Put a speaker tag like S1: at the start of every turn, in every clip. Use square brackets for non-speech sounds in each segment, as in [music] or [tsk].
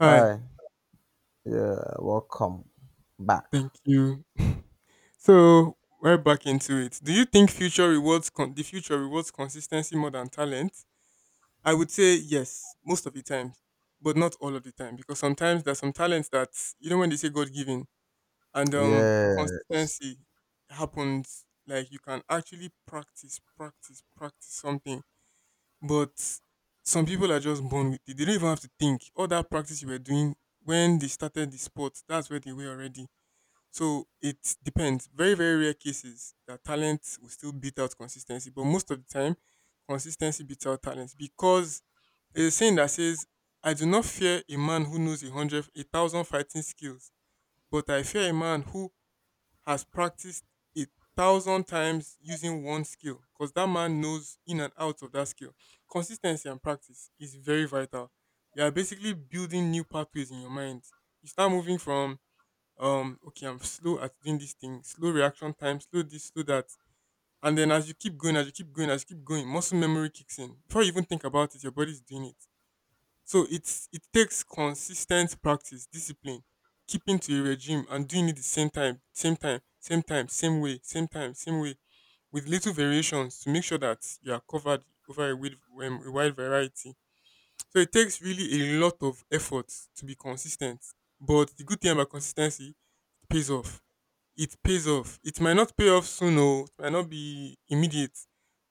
S1: Hi,
S2: Hi, yeah, welcome back.
S1: thank you. So we're back into it. Do you think the future rewards consistency more than talent? I would say yes, most of the time, but not all of the time because sometimes there's some talents that you know when they say God given and
S2: Yes,
S1: consistency happens. Like you can actually practice, practice, practice something, but some people are just born with it. They don't even have to think. All that practice you were doing when they started the sport, that's where they were already. So it depends. Very, very rare cases that talent will still beat out consistency, but most of the time, consistency beats out talent because there's a saying that says, "I do not fear a man who knows a hundred, a thousand fighting skills, but I fear a man who has practiced a thousand times using one skill, because that man knows in and out of that skill." Consistency and practice is very vital. You are basically building new pathways in your mind. You start moving from okay, I'm slow at doing this thing, slow reaction time, slow this, slow that, and then as you keep going, as you keep going, as you keep going, muscle memory kicks in. Before you even think about it, your body's doing it. So it takes consistent practice, discipline, keeping to a regime and doing it the same time, same time, same time, same way, same time, same way, with little variations to make sure that you are covered over a wide variety. So it takes really a lot of effort to be consistent, but the good thing about consistency, it pays off. It pays off. It might not pay off soon, or it might not be immediate,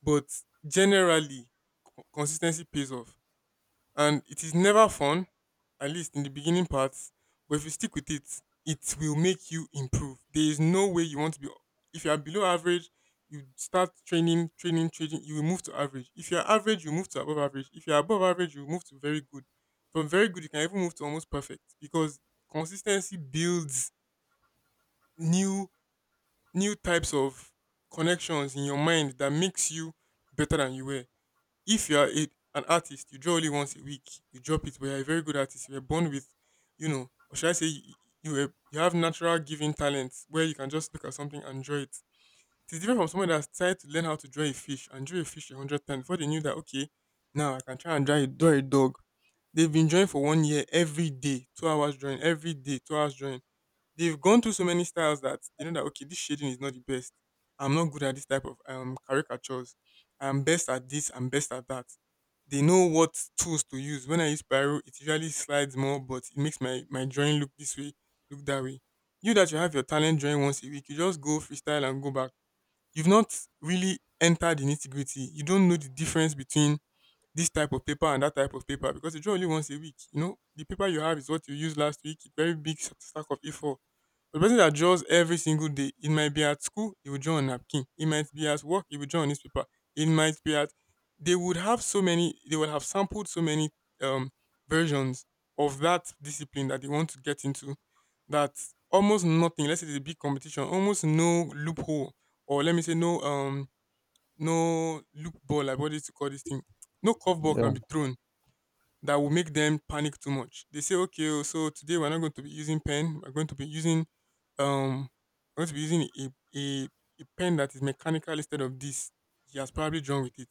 S1: but generally, consistency pays off. And it is never fun, at least in the beginning parts, but if you stick with it, it will make you improve. There is no way you want to be, if you are below average, you start training, training, training, you will move to average. If you are average, you move to above average. If you are above average, you move to very good. From very good, you can even move to almost perfect because consistency builds new types of connections in your mind that makes you better than you were. If you are an artist, you draw only once a week, you drop it, but you're a very good artist. You were born with, you know, or should I say, you have natural giving talents where you can just look at something and draw it. It's different from someone that's tried to learn how to draw a fish and drew a fish a hundred times before they knew that, okay, now I can try and draw a dog. They've been drawing for 1 year, every day 2 hours drawing, every day 2 hours drawing. They've gone through so many styles that they know that, okay, this shading is not the best. I'm not good at this type of caricatures. I'm best at this. I'm best at that. They know what tools to use. When I use Pyro, it usually slides more, but it makes my drawing look this way, look that way. You that you have your talent drawing once a week, you just go freestyle and go back. You've not really entered the nitty gritty. You don't know the difference between this type of paper and that type of paper because you draw only once a week. You know, the paper you have is what you used last week, a very big stack of A4, but the person that draws every single day, it might be at school, he will draw on napkin. It might be at work, he will draw on newspaper. It might be at, they would have so many, they would have sampled so many um versions of that discipline that they want to get into, that almost nothing, let's say it's a big competition, almost no loophole, or let me say no no loophole, like what is to call this thing. No curveball
S2: yeah,
S1: can be thrown that will make them panic too much. They say, okay, oh, so today we're not going to be using pen. We're going to be using um, we're going to be using a, a pen that is mechanical instead of this. He has probably drawn with it.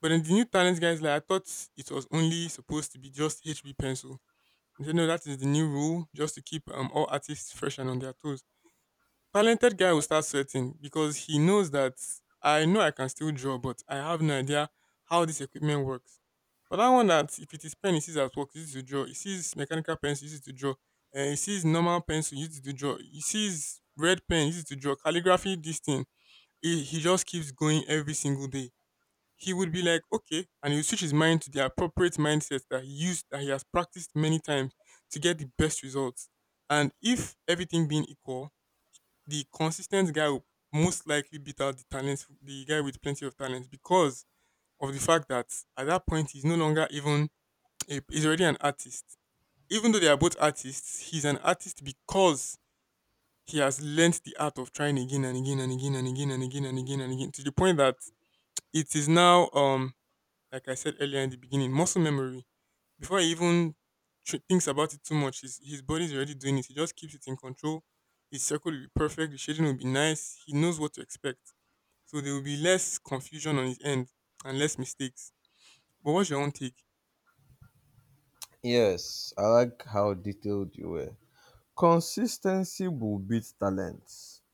S1: But then the new talent guys, like I thought it was only supposed to be just HB pencil. They said, no, that is the new rule, just to keep all artists fresh and on their toes. Talented guy will start sweating because he knows that I know I can still draw, but I have no idea how this equipment works. But that one, that if it is pen, he sees at work, he uses to draw. He sees mechanical pencil, he uses to draw. And he sees normal pencil, he uses to draw. He sees red pen, he uses to draw. Calligraphy, this thing. He just keeps going every single day. He would be like, okay, and he'll switch his mind to the appropriate mindset that he used, that he has practiced many times to get the best results. And if everything being equal, the consistent guy will most likely beat out the talent, the guy with plenty of talent, because of the fact that at that point he's no longer even he's already an artist. Even though they are both artists, he's an artist because he has learnt the art of trying again and again and again and again and again and again and again to the point that it is now, like I said earlier in the beginning, muscle memory. Before he even thinks about it too much, his body's already doing it. He just keeps it in control. His circle will be perfect. The shading will be nice. He knows what to expect, so there will be less confusion on his end and less mistakes. But what's your own take?
S2: yes. I like how detailed you were. Consistency will beat talent.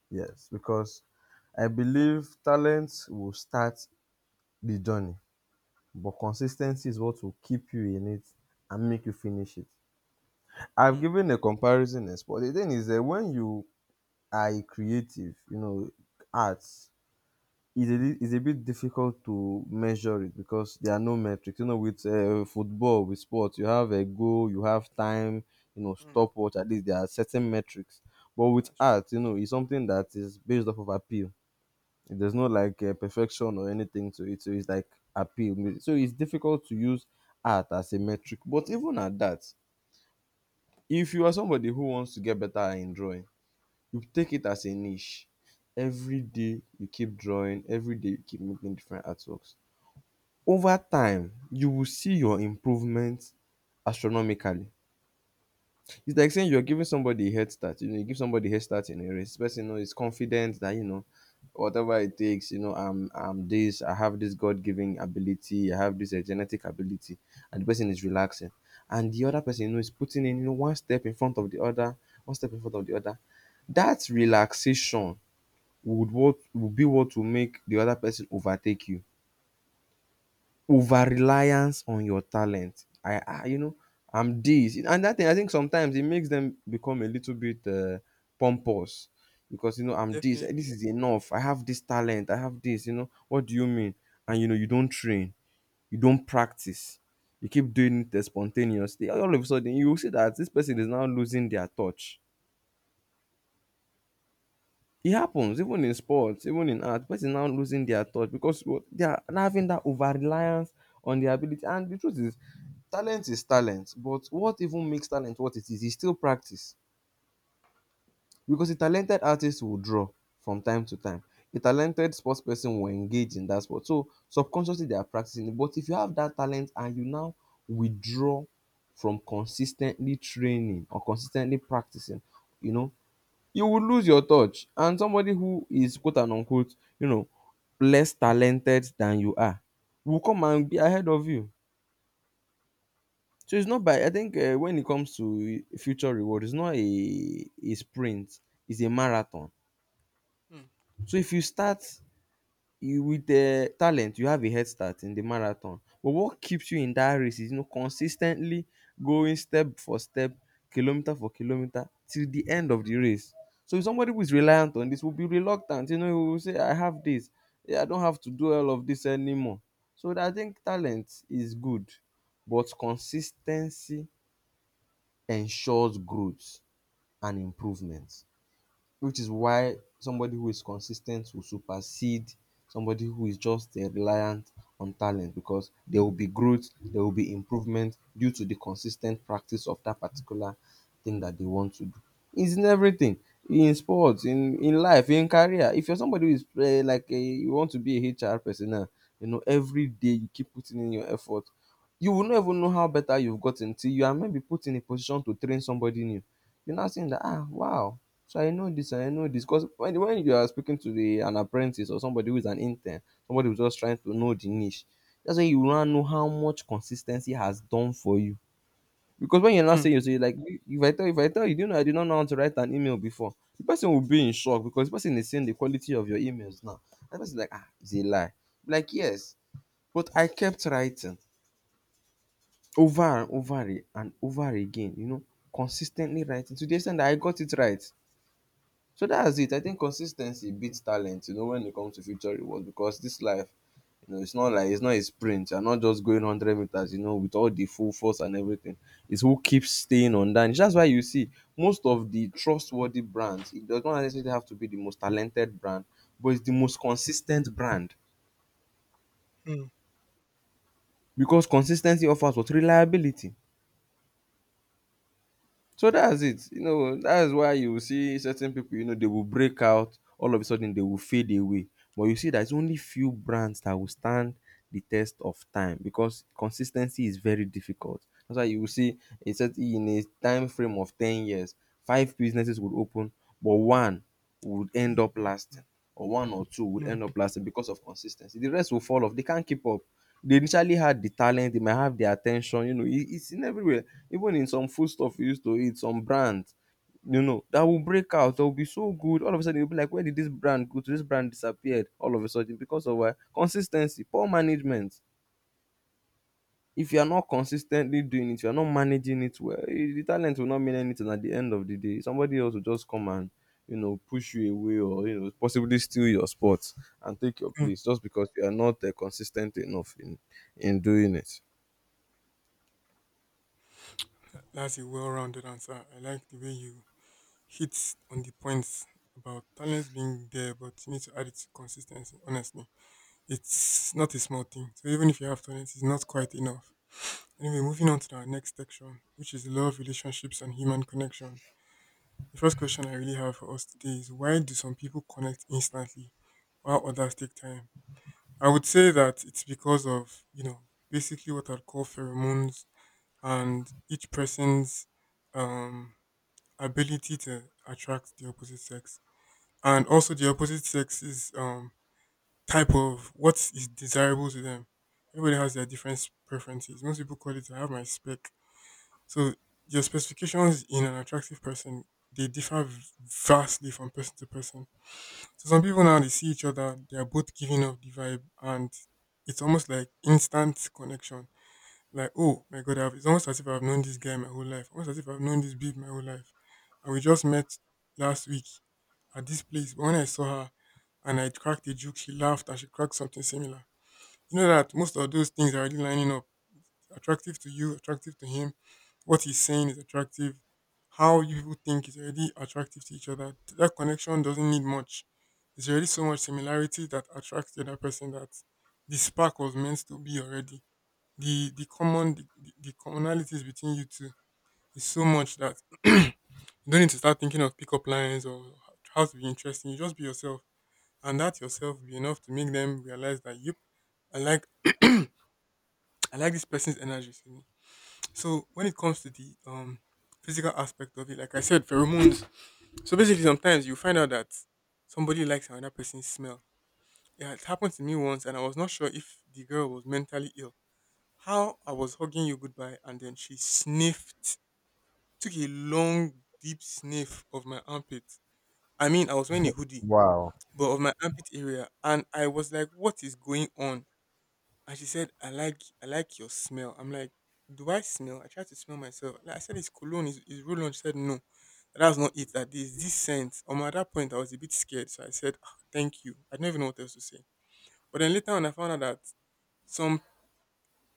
S2: Yes, because I believe talent will start the journey, but consistency is what will keep you in it and make you finish it. I've
S1: Hmm.
S2: given a comparison as well. The thing is that when you are a creative, you know, arts is a is a bit difficult to measure it because there are no metrics. You know, with football, with sports, you have a goal, you have time, you know,
S1: Hmm.
S2: stopwatch. At least there are certain metrics. But with
S1: That's true.
S2: art, you know, it's something that is based off of appeal. There's no like perfection or anything to it. So it's like appeal. So it's difficult to use art as a metric. But even at that, if you are somebody who wants to get better in drawing, you take it as a niche. Every day you keep drawing. Every day you keep making different artworks. Over time you will see your improvement astronomically. It's like saying you're giving somebody a head start. You know, you give somebody a head start in a race. This person, you know, is confident that, you know, whatever it takes, you know, I'm this, I have this god-given ability, I have this genetic ability, and the person is relaxing, and the other person, you know, is putting in, you know, one step in front of the other, one step in front of the other. That relaxation would what would be what will make the other person overtake you. Over reliance on your talent. I, you know, I'm this. And that thing, I think sometimes it makes them become a little bit pompous because, you know, I'm this. This
S1: Definitely.
S2: is enough. I have this talent. I have this. You know, what do you mean? And, you know, you don't train, you don't practice, you keep doing it spontaneously. All of a sudden, you will see that this person is now losing their touch. It happens even in sports, even in art. Person now losing their touch because they are now having that over reliance on their ability. And the truth is, talent is talent. But what even makes talent what it is still practice. Because a talented artist will draw from time to time. A talented sports person will engage in that sport. So subconsciously they are practicing it. But if you have that talent and you now withdraw from consistently training or consistently practicing, you know, you will lose your touch. And somebody who is, quote and unquote, you know, less talented than you are will come and be ahead of you. So it's not by, I think when it comes to future reward, it's not a sprint, it's a marathon.
S1: Hmm.
S2: So if you start, you with talent, you have a head start in the marathon, but what keeps you in that race is, you know, consistently going step for step, kilometer for kilometer till the end of the race. So if somebody who is reliant on this will be reluctant, you know, he will say I have this, yeah, I don't have to do all of this anymore. So I think talent is good, but consistency ensures growth and improvement, which is why somebody who is consistent will supersede somebody who is just reliant on talent, because there will be growth, there will be improvement due to the consistent practice of that particular thing that they want to do. It's in everything, in sports, in life, in career. If you're somebody who is like a, you want to be a HR person now, you know, every day you keep putting in your effort. You will not even know how better you've gotten till you are maybe put in a position to train somebody new. You're not saying that, ah, wow, so I know this, I know this. Because when you are speaking to an apprentice or somebody who is an intern, somebody who's just trying to know the niche, that's when you want to know how much consistency has done for you. Because when you're not
S1: Hmm.
S2: saying, you say like, if I tell you, do you know I did not know how to write an email before, the person will be in shock because the person is seeing the quality of your emails now. That person is like, ah, it's a lie. Like, yes, but I kept writing over and over and over again, you know, consistently writing to the extent that I got it right. So that's it. I think consistency beats talent, you know, when it comes to future rewards because this life, you know, it's not like, it's not a sprint. You're not just going 100 meters, you know, with all the full force and everything. It's who keeps staying on that. And that's why you see most of the trustworthy brands, it does not necessarily have to be the most talented brand, but it's the most consistent brand
S1: Hmm.
S2: because consistency offers what, reliability. So that's it. You know, that's why you will see certain people, you know, they will break out, all of a sudden they will fade away. But you see there's only few brands that will stand the test of time because consistency is very difficult. That's why you will see a certain, in a time frame of 10 years, five businesses would open, but one would end
S1: Yes.
S2: up
S1: Hmm.
S2: lasting, or one or two would
S1: Hmm.
S2: end up lasting because of consistency. The rest will fall off. They can't keep up. They initially had the talent, they might have the attention, you know, it's in everywhere, even in some food stuff you used to eat, some brands, you know, that will break out, they'll be so good. All of a sudden you'll be like, where did this brand go to? This brand disappeared all of a sudden because of consistency, poor management. If you are not consistently doing it, you are not managing it well, eh, the talent will not mean anything at the end of the day. Somebody else will just come and, you know, push you away or, you know, possibly steal your spot and take your
S1: Hmm.
S2: place just because you are not consistent enough in doing it.
S1: That's a well-rounded answer. I like the way you hit on the points about talents being there, but you need to add it to consistency. Honestly, it's not a small thing. So even if you have talents, it's not quite enough. Anyway, moving on to our next section, which is love, relationships, and human connection. The first question I really have for us today is why do some people connect instantly while others take time? I would say that it's because of, you know, basically what I'd call pheromones and each person's um, ability to attract the opposite sex. And also the opposite sex's um, type of what is desirable to them. Everybody has their different preferences. Most people call it I have my spec, so your specifications in an attractive person, they differ vastly from person to person. So some people now they see each other, they are both giving off the vibe, and it's almost like instant connection. Like oh my god, it's almost as if I've known this guy my whole life, almost as if I've known this babe my whole life, and we just met last week at this place. But when I saw her and I cracked a joke, she laughed and she cracked something similar. You know that most of those things are already lining up, attractive to you, attractive to him. What he's saying is attractive. How you people think is already attractive to each other. That connection doesn't need much. There's already so much similarity that attracts the other person that the spark was meant to be already. The commonalities between you two is so much that [clears throat] you don't need to start thinking of pickup lines or how to be interesting. You just be yourself, and that yourself will be enough to make them realize that you, I like, I like this person's energy. So when it comes to the physical aspect of it, like I said, pheromones. So basically, sometimes you find out that somebody likes another person's smell. Yeah, it happened to me once, and I was not sure if the girl was mentally ill. How I was hugging you goodbye, and then she sniffed, took a long, deep sniff of my armpit. I mean, I was wearing a hoodie,
S2: Wow.
S1: but of my armpit area, and I was like, "What is going on?" And she said, I like your smell. I'm like, do I smell? I tried to smell myself. Like, I said, it's cologne, it's roll on. She said, no, that's not it. That is this scent. At that point, I was a bit scared. So I said, "Ah, thank you. I don't even know what else to say." But then later on, I found out that some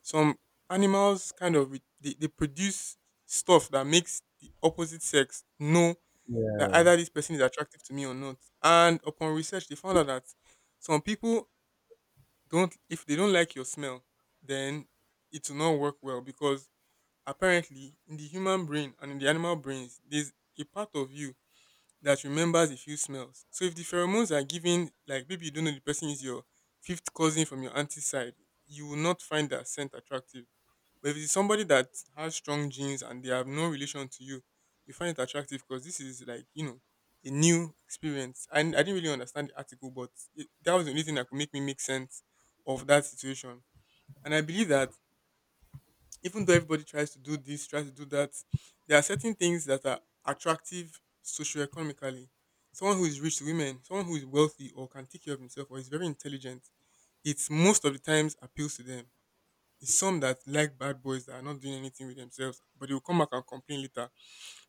S1: some animals kind of they produce stuff that makes the opposite sex know that either this person is attractive to me or not. And upon research, they found out that some people don't if they don't like your smell, then it will not work well because apparently in the human brain and in the animal brains, there's a part of you that remembers a few smells. So if the pheromones are given, like maybe you don't know the person is your fifth cousin from your auntie's side, you will not find that scent attractive. But if it's somebody that has strong genes and they have no relation to you, you find it attractive because this is like, a new experience. And I didn't really understand the article, but that was the only thing that could make me make sense of that situation. And I believe that even though everybody tries to do this, tries to do that, there are certain things that are attractive socioeconomically. Someone who is rich to women, someone who is wealthy or can take care of himself or is very intelligent, it most of the times appeals to them. It's some that like bad boys that are not doing anything with themselves, but they will come back and complain later.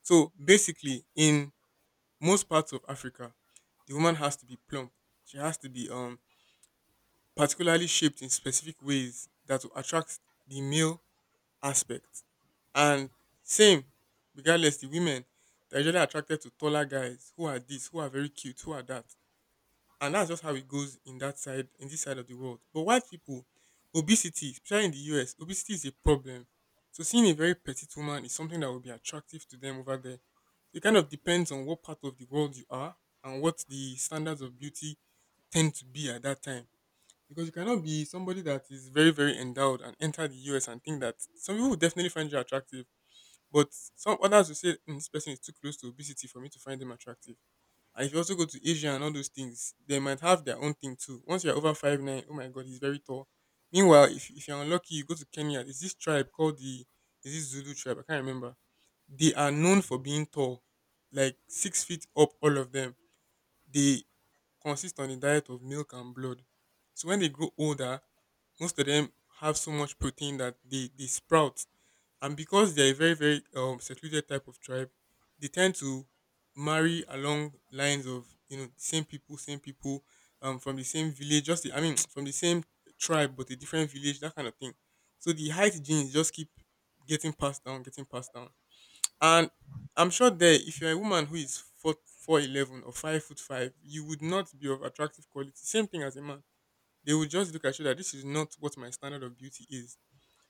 S1: So basically, in most parts of Africa, the woman has to be plump. She has to be particularly shaped in specific ways that will attract the male aspect. And same, regardless, the women they're usually attracted to taller guys who are this, who are very cute, who are that, and that's just how it goes in that side in this side of the world. But white people, obesity, especially in the US, obesity is a problem. So seeing a very petite woman is something that will be attractive to them over there. So it kind of depends on what part of the world you are and what the standards of beauty tend to be at that time. Because you cannot be somebody that is very, very endowed and enter the US and think that some people will definitely find you attractive, but some others will say, "Mm, this person is too close to obesity for me to find them attractive." And if you also go to Asia and all those things, they might have their own thing too. Once you're over 5'9", oh my god, he's very tall. Meanwhile, if you're unlucky, you go to Kenya. There's this tribe called the is this Zulu tribe? I can't remember. They are known for being tall, like 6 feet up, all of them. They consist on a diet of milk and blood. So when they grow older, most of them have so much protein that they sprout, and because they're a very very secluded type of tribe, they tend to marry along lines of the same people from the same village, just I mean [tsk] from the same tribe but a different village, that kind of thing. So the height genes just keep getting passed down getting passed down, and I'm sure that if you're a woman who is 4 4'11" or 5'5", you would not be of attractive quality, same thing as a man. They would just look at you that this is not what my standard of beauty is.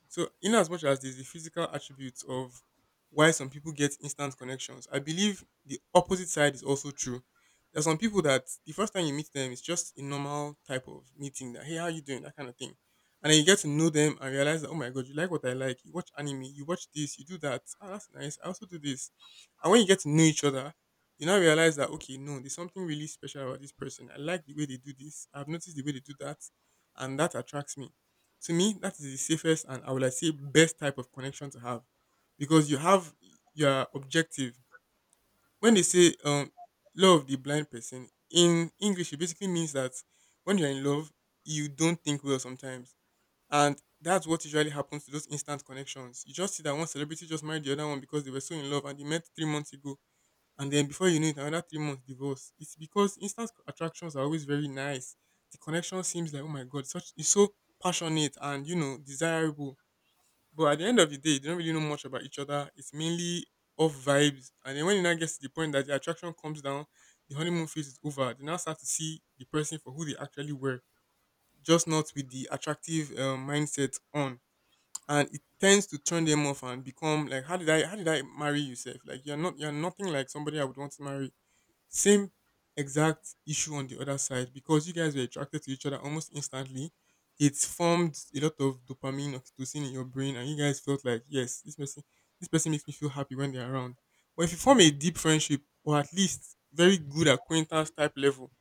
S1: So, in as much as there's the physical attributes of why some people get instant connections, I believe the opposite side is also true. There are some people that the first time you meet them, it's just a normal type of meeting that, hey, how you doing? That kind of thing. And then you get to know them and realize that, oh my God, you like what I like. You watch anime, you watch this, you do that. Oh, that's nice. I also do this. And when you get to know each other, you now realize that, okay, no, there's something really special about this person. I like the way they do this. I've noticed the way they do that. And that attracts me. To me, that is the safest and I would like say best type of connection to have because you have your objective. When they say love the blind person in English, it basically means that when you're in love, you don't think well sometimes, and that's what usually happens to those instant connections. You just see that one celebrity just married the other one because they were so in love and they met 3 months ago, and then before you know it, another 3 months divorce. It's because instant attractions are always very nice. The connection seems like oh my god, such it's so passionate and desirable. But at the end of the day, they don't really know much about each other. It's mainly off vibes. And then when it now gets to the point that the attraction comes down, the honeymoon phase is over. They now start to see the person for who they actually were, just not with the attractive mindset on. And it tends to turn them off and become like, how did I marry yourself? Like you're not, you're nothing like somebody I would want to marry, same exact issue on the other side because you guys were attracted to each other almost instantly. It formed a lot of dopamine, oxytocin in your brain, and you guys felt like, yes, this person makes me feel happy when they're around. But if you form a deep friendship or at least very good acquaintance type level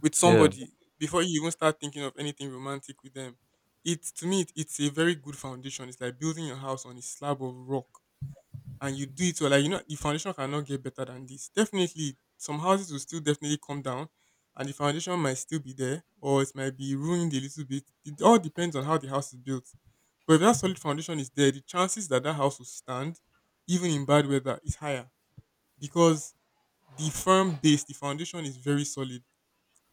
S1: with
S2: Yeah.
S1: somebody before you even start thinking of anything romantic with them, it to me it, it's a very good foundation. It's like building your house on a slab of rock and you do it well, like, you know, the foundation cannot get better than this. Definitely, some houses will still definitely come down, and the foundation might still be there, or it might be ruined a little bit. It all depends on how the house is built. But if that solid foundation is there, the chances that that house will stand, even in bad weather, is higher because the firm base, the foundation is very solid.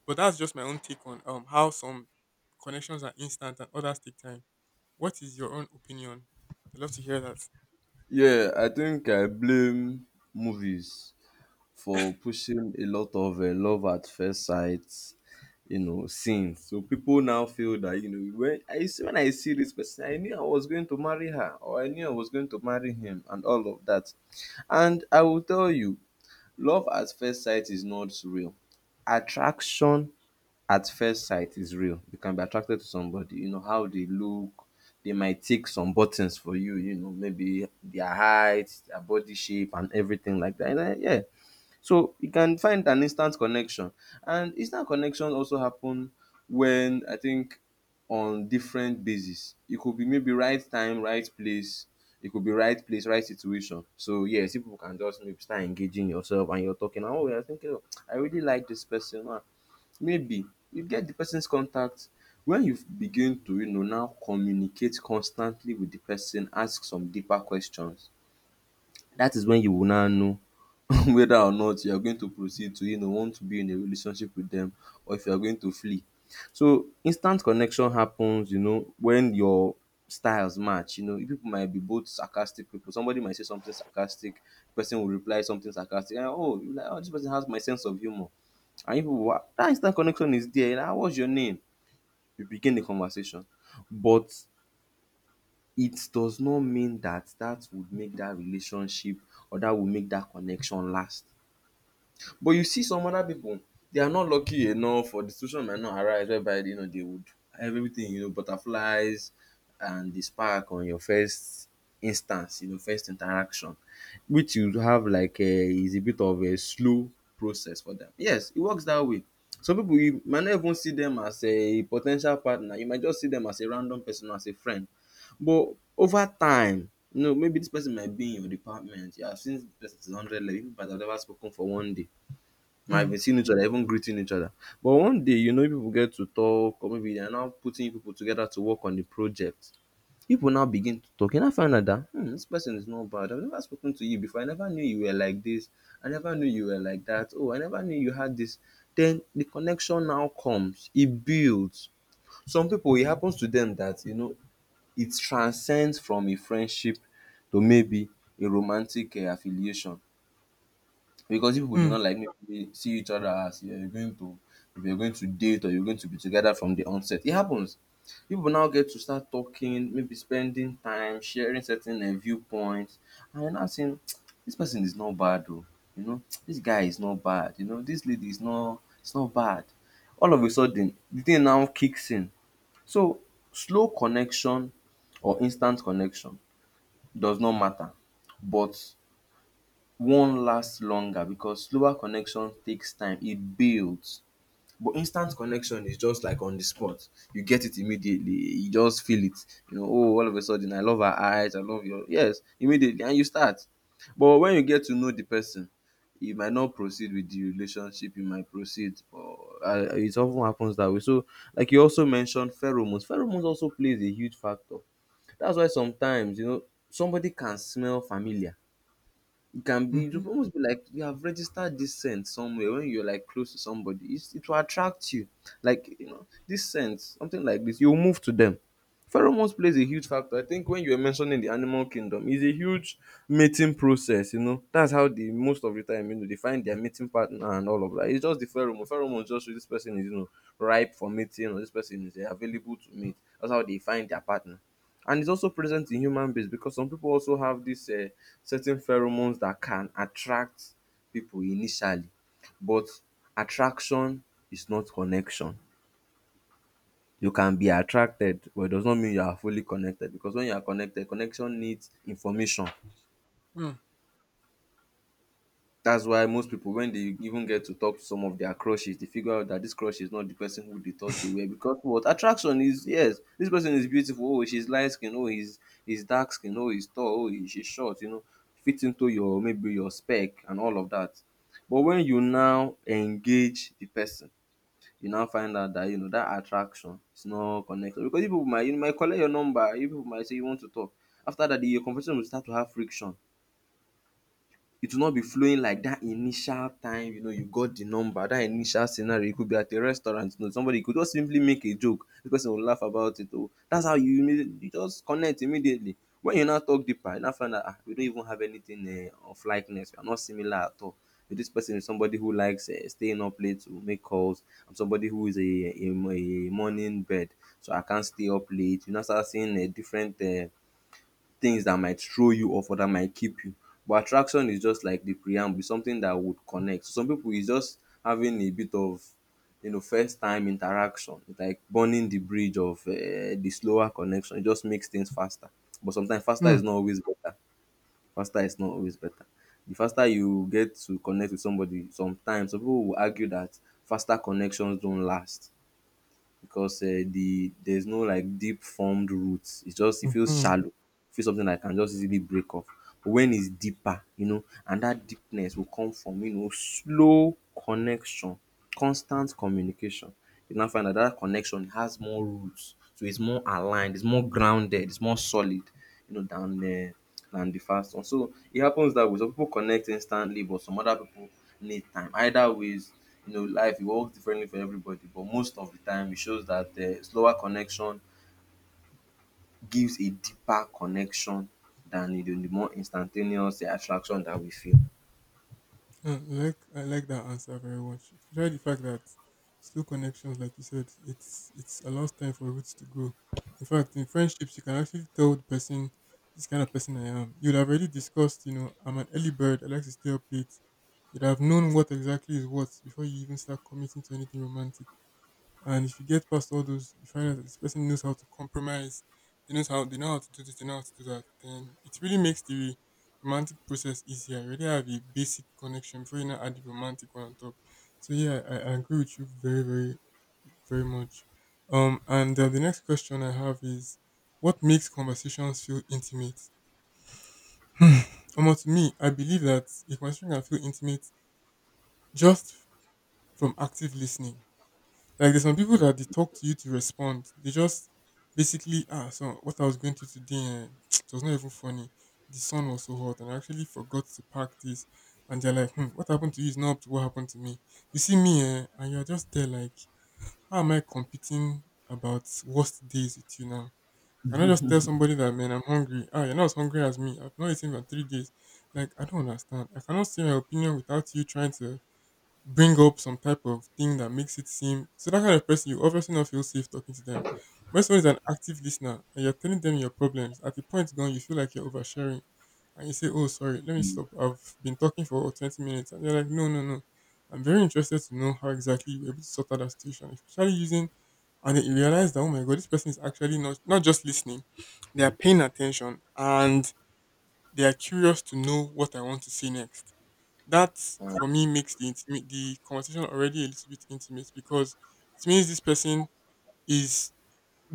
S1: But that's just my own take on how some connections are instant and others take time. What is your own opinion? I'd love to hear that.
S2: Yeah, I think I blame movies for pushing a lot of love at first sight, you know, scenes. So people now feel that, you know, when I see, when I see this person, I knew I was going to marry her, or I knew I was going to marry him, and all of that. And I will tell you, love at first sight is not real. Attraction at first sight is real. You can be attracted to somebody, you know, how they look. They might tick some buttons for you, you know, maybe their height, their body shape, and everything like that. And then, yeah. So you can find an instant connection. And instant connection also happen when, I think, on different basis. It could be maybe right time, right place. It could be right place, right situation. So yes, people can just maybe start engaging yourself and you're talking, oh, you're thinking, oh, I really like this person. Maybe you get the person's contact. When you begin to, you know, now communicate constantly with the person, ask some deeper questions. That is when you will now know [laughs] whether or not you are going to proceed to, you know, want to be in a relationship with them, or if you are going to flee. So instant connection happens, you know, when your styles match. You know, people might be both sarcastic people. Somebody might say something sarcastic, person will reply something sarcastic, and oh, you like, oh, this person has my sense of humor, and you people will, ah, that instant connection is there. Like, ah, what's your name, you begin the conversation. But it does not mean that that would make that relationship or that would make that connection last. But you see some other people, they are not lucky enough, or the situation might not arise whereby, you know, they would, everything, you know, butterflies and the spark on your first instance, you know, first interaction, which you have like a, is a bit of a slow process for them. Yes, it works that way. Some people you might not even see them as a potential partner, you might just see them as a random person or as a friend, but over time, you know, maybe this person might be in your department. You have seen this person since 100 level. You might have never spoken for one day. Might
S1: Mm.
S2: have seen each other, even greeting each other. But one day, people get to talk, or maybe they are now putting people together to work on the project. People now begin to talk. You now find out that this person is not bad. I've never spoken to you before. I never knew you were like this. I never knew you were like that. Oh, I never knew you had this. Then the connection now comes. It builds. Some people, it happens to them that it transcends from a friendship to maybe a romantic affiliation, because if people do
S1: Mm.
S2: not like maybe see each other as, yeah, you're going to, if you're going to date or you're going to be together from the onset, it happens. People now get to start talking, maybe spending time sharing certain viewpoints, and you're now saying, [tsk] this person is not bad, oh, [tsk] this guy is not bad, you know this lady is not, it's not bad. All of a sudden the thing now kicks in. So slow connection or instant connection does not matter, but one last longer because slower connection takes time, e builds. But instant connection is just like on the spot. You get it immediately. You just feel it. You know, oh, all of a sudden, I love her eyes. I love your. Yes, immediately. And you start. But when you get to know the person, you might not proceed with the relationship. You might proceed. Or, it often happens that way. So, like you also mentioned, pheromones. Pheromones also plays a huge factor. That's why sometimes, somebody can smell familiar. It can be, it
S1: Mm-hmm.
S2: will almost be like you have registered this scent somewhere. When you're like close to somebody, it will attract you. Like, you know, this scent, something like this, you'll move to them. Pheromones plays a huge factor. I think when you were mentioning the animal kingdom, is a huge mating process, you know. That's how they, most of the time, you know, they find their mating partner and all of that. It's just the pheromones just show this person is, you know, ripe for mating, or this person is available to mate. That's how they find their partner. And it's also present in human beings, because some people also have this, certain pheromones that can attract people initially. But attraction is not connection. You can be attracted, but it does not mean you are fully connected, because when you are connected, connection needs information. That's why most people, when they even get to talk to some of their crushes, they figure out that this crush is not the person who they thought they
S1: Hmm.
S2: were, because what attraction is, yes, this person is beautiful, oh she's light skin, oh he's dark skin, oh he's tall, oh she's short, you know, fit into your, maybe your spec, and all of that. But when you now engage the person, you now find out that, you know, that attraction is not connected, because you might collect your number, you people might say you want to talk. After that, the your conversation will start to have friction. It will not be flowing like dat initial time. You know, you got the number, dat initial scenario. E could be at a restaurant, you know, somebody go just simply make a joke, the person go laugh about it o. Dats how, you immediately, you just connect immediately. When you now talk deeper, you now find out, we no even have anything of likeness. We are not similar at all. Dis person is somebody who likes staying up late to make calls. I'm somebody who is a morning bird, so I can't stay up late. You now start seeing different things that might throw you off or that might keep you. But attraction is just like the preamble, something that would connect. So some people is just having a bit of, you know, first time interaction. It's like burning the bridge of, the slower connection. It just makes things faster. But sometimes faster
S1: Hmm.
S2: is not always better. Faster is not always better. The faster you get to connect with somebody, sometimes some people will argue that faster connections don't last, because there's no like deep formed roots. It's just, it feels
S1: Mhm.
S2: shallow. It feels something that can just easily break off. But when it's deeper, you know, and that deepness will come from, you know, slow connection, constant communication. You now find that that connection has more roots, so it's more aligned, it's more grounded, it's more solid, you know, than than the fast one. So it happens that way. Some people connect instantly, but some other people need time. Either ways, you know, life, it works differently for everybody, but most of the time it shows that, slower connection gives a deeper connection than, you know, the more instantaneous attraction that we feel.
S1: I like that answer very much. Especially the fact that slow connections, like you said, it's allows time for roots to grow. In fact, in friendships, you can actually tell the person this kind of person I am. You'd have already discussed, I'm an early bird. I like to stay up late. You'd have known what exactly is what before you even start committing to anything romantic. And if you get past all those, you find out that this person knows how to compromise. They know how to do this. They know how to do that. Then it really makes the romantic process easier. You already have a basic connection before you now add the romantic one on top. So yeah, I agree with you very, very, very much. And the next question I have is, what makes conversations feel intimate? Hmm. To me, I believe that a conversation can feel intimate just from active listening. Like there's some people that they talk to you to respond. They just basically so what I was going to today [tsk] it was not even funny. The sun was so hot and I actually forgot to pack this. And they're like, hmm, what happened to you is not up to what happened to me. You see me and you're just there like, how am I competing about worst days with you now? Can I just tell somebody that man I'm hungry? Ah, you're not as hungry as me. I've not eaten for 3 days. Like, I don't understand. I cannot say my opinion without you trying to bring up some type of thing that makes it seem so. That kind of person, you obviously not feel safe talking to them. When someone is an active listener and you're telling them your problems, at the point gone you feel like you're oversharing, and you say, "Oh sorry, let me stop. I've been talking for 20 minutes," and they're like, "No, no, no. I'm very interested to know how exactly you were able to sort out that situation, especially using," and then you realize that oh my god, this person is actually not just listening, they are paying attention and they are curious to know what I want to say next. That
S2: um,
S1: for me makes the conversation already a little bit intimate because it means this person is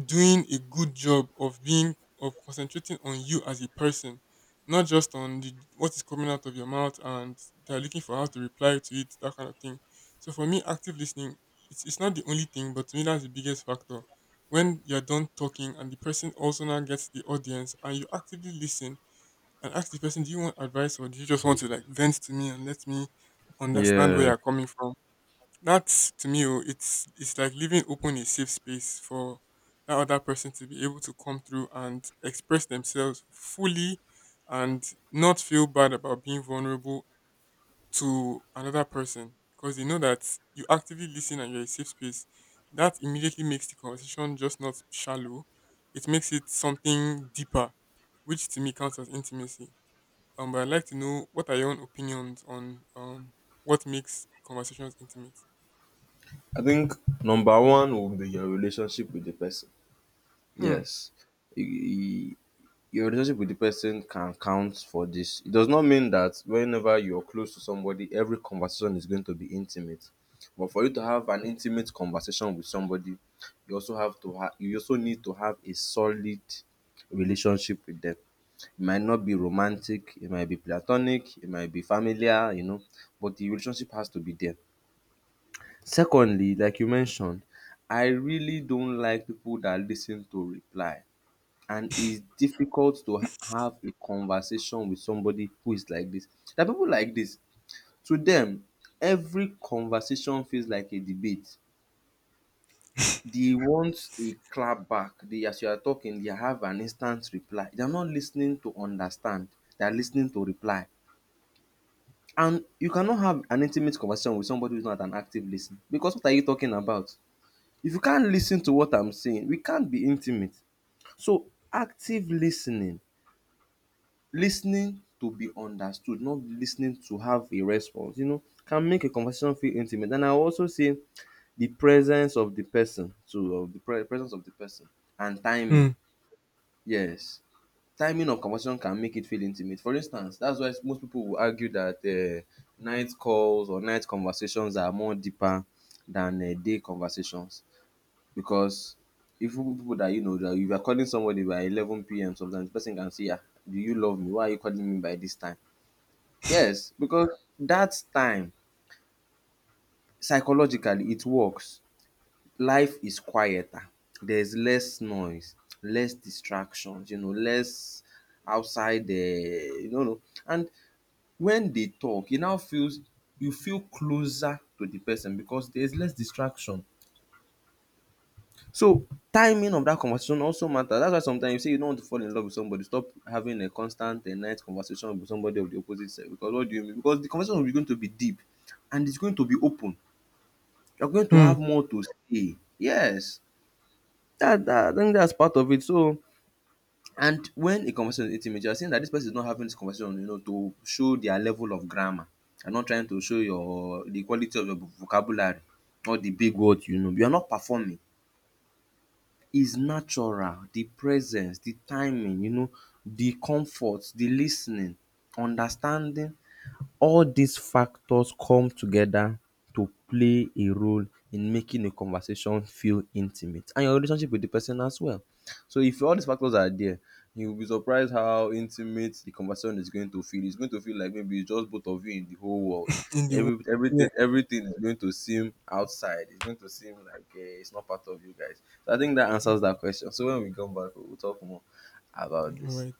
S1: doing a good job of being of concentrating on you as a person, not just on what is coming out of your mouth, and they're looking for how to reply to it, that kind of thing. So for me, active listening, it's not the only thing, but to me that's the biggest factor. When you're done talking and the person also now gets the audience and you actively listen and ask the person, do you want advice or do you just want to like vent to me and let me understand where
S2: Yeah.
S1: you're coming from? That's to me, oh, it's like leaving open a safe space for that other person to be able to come through and express themselves fully, and not feel bad about being vulnerable to another person because they know that you actively listen and you're a safe space. That immediately makes the conversation just not shallow. It makes it something deeper, which to me counts as intimacy. But I'd like to know, what are your own opinions on what makes conversations intimate?
S2: I think number one will be your relationship with the person.
S1: Hmm.
S2: Yes. E- your relationship with the person can count for this. It does not mean that whenever you're close to somebody, every conversation is going to be intimate. But for you to have an intimate conversation with somebody, you also need to have a solid relationship with them. It might not be romantic, it might be platonic, it might be familiar, you know, but the relationship has to be there. Secondly, like you mentioned, I really don't like people that listen to reply, and it's difficult to have a conversation with somebody who is like this. There are people like this. To them, every conversation feels like a debate. They want a clap back. They, as you are talking, they have an instant reply. They are not listening to understand. They are listening to reply. And you cannot have an intimate conversation with somebody who's not an active listener. Because what are you talking about? If you can't listen to what I'm saying, we can't be intimate. So active listening, Lis ten ing to be understood, not lis ten ing to have a response, you know, can make a conversation feel intimate. And I will also say the presence of the person too, of the presence of the person, and timing.
S1: Hmm.
S2: Yes, timing of conversation can make it feel intimate. For instance, that's why most people will argue that night calls or night conversations are more deeper than day conversations, because even people that, you know, that you are calling somebody by 11 p.m., sometimes the person can say, ah, do you love me? Why are you calling me by this time? Yes, because that time, psychologically, it works. Life is quieter. There's less noise, less distractions, you know, less outside, the, you know. And when they talk, it now feels, you feel closer to the person because there's less distraction. So timing of that conversation also matters. That's why sometimes you say you don't want to fall in love with somebody. Stop having a constant and night conversation with somebody of the opposite sex. Because what do you mean? Because the conversation will be going to be deep, and it's going to be open. You're going to
S1: Hmm.
S2: have more to say. Yes. That, I think that's part of it. So, and when a conversation is intimate, you're saying that this person is not having this conversation, you know, to show their level of grammar. You're not trying to show your the quality of your vocabulary, or the big words, you know. You're not performing. Is natural. The presence, the timing, you know, the comfort, the listening, understanding. All these factors come together to play a role in making a conversation feel intimate, and your relationship with the person as well. So if all these factors are there, you'll be surprised how intimate the conversation is going to feel. It's going to feel like maybe it's just both of you in the whole world.
S1: In the world.
S2: Every
S1: Yeah.
S2: everything everything is going to seem outside. It's going to seem like, it's not part of you guys. So I think that answers that question. So when we come back, we'll talk more about
S1: All
S2: this.
S1: right.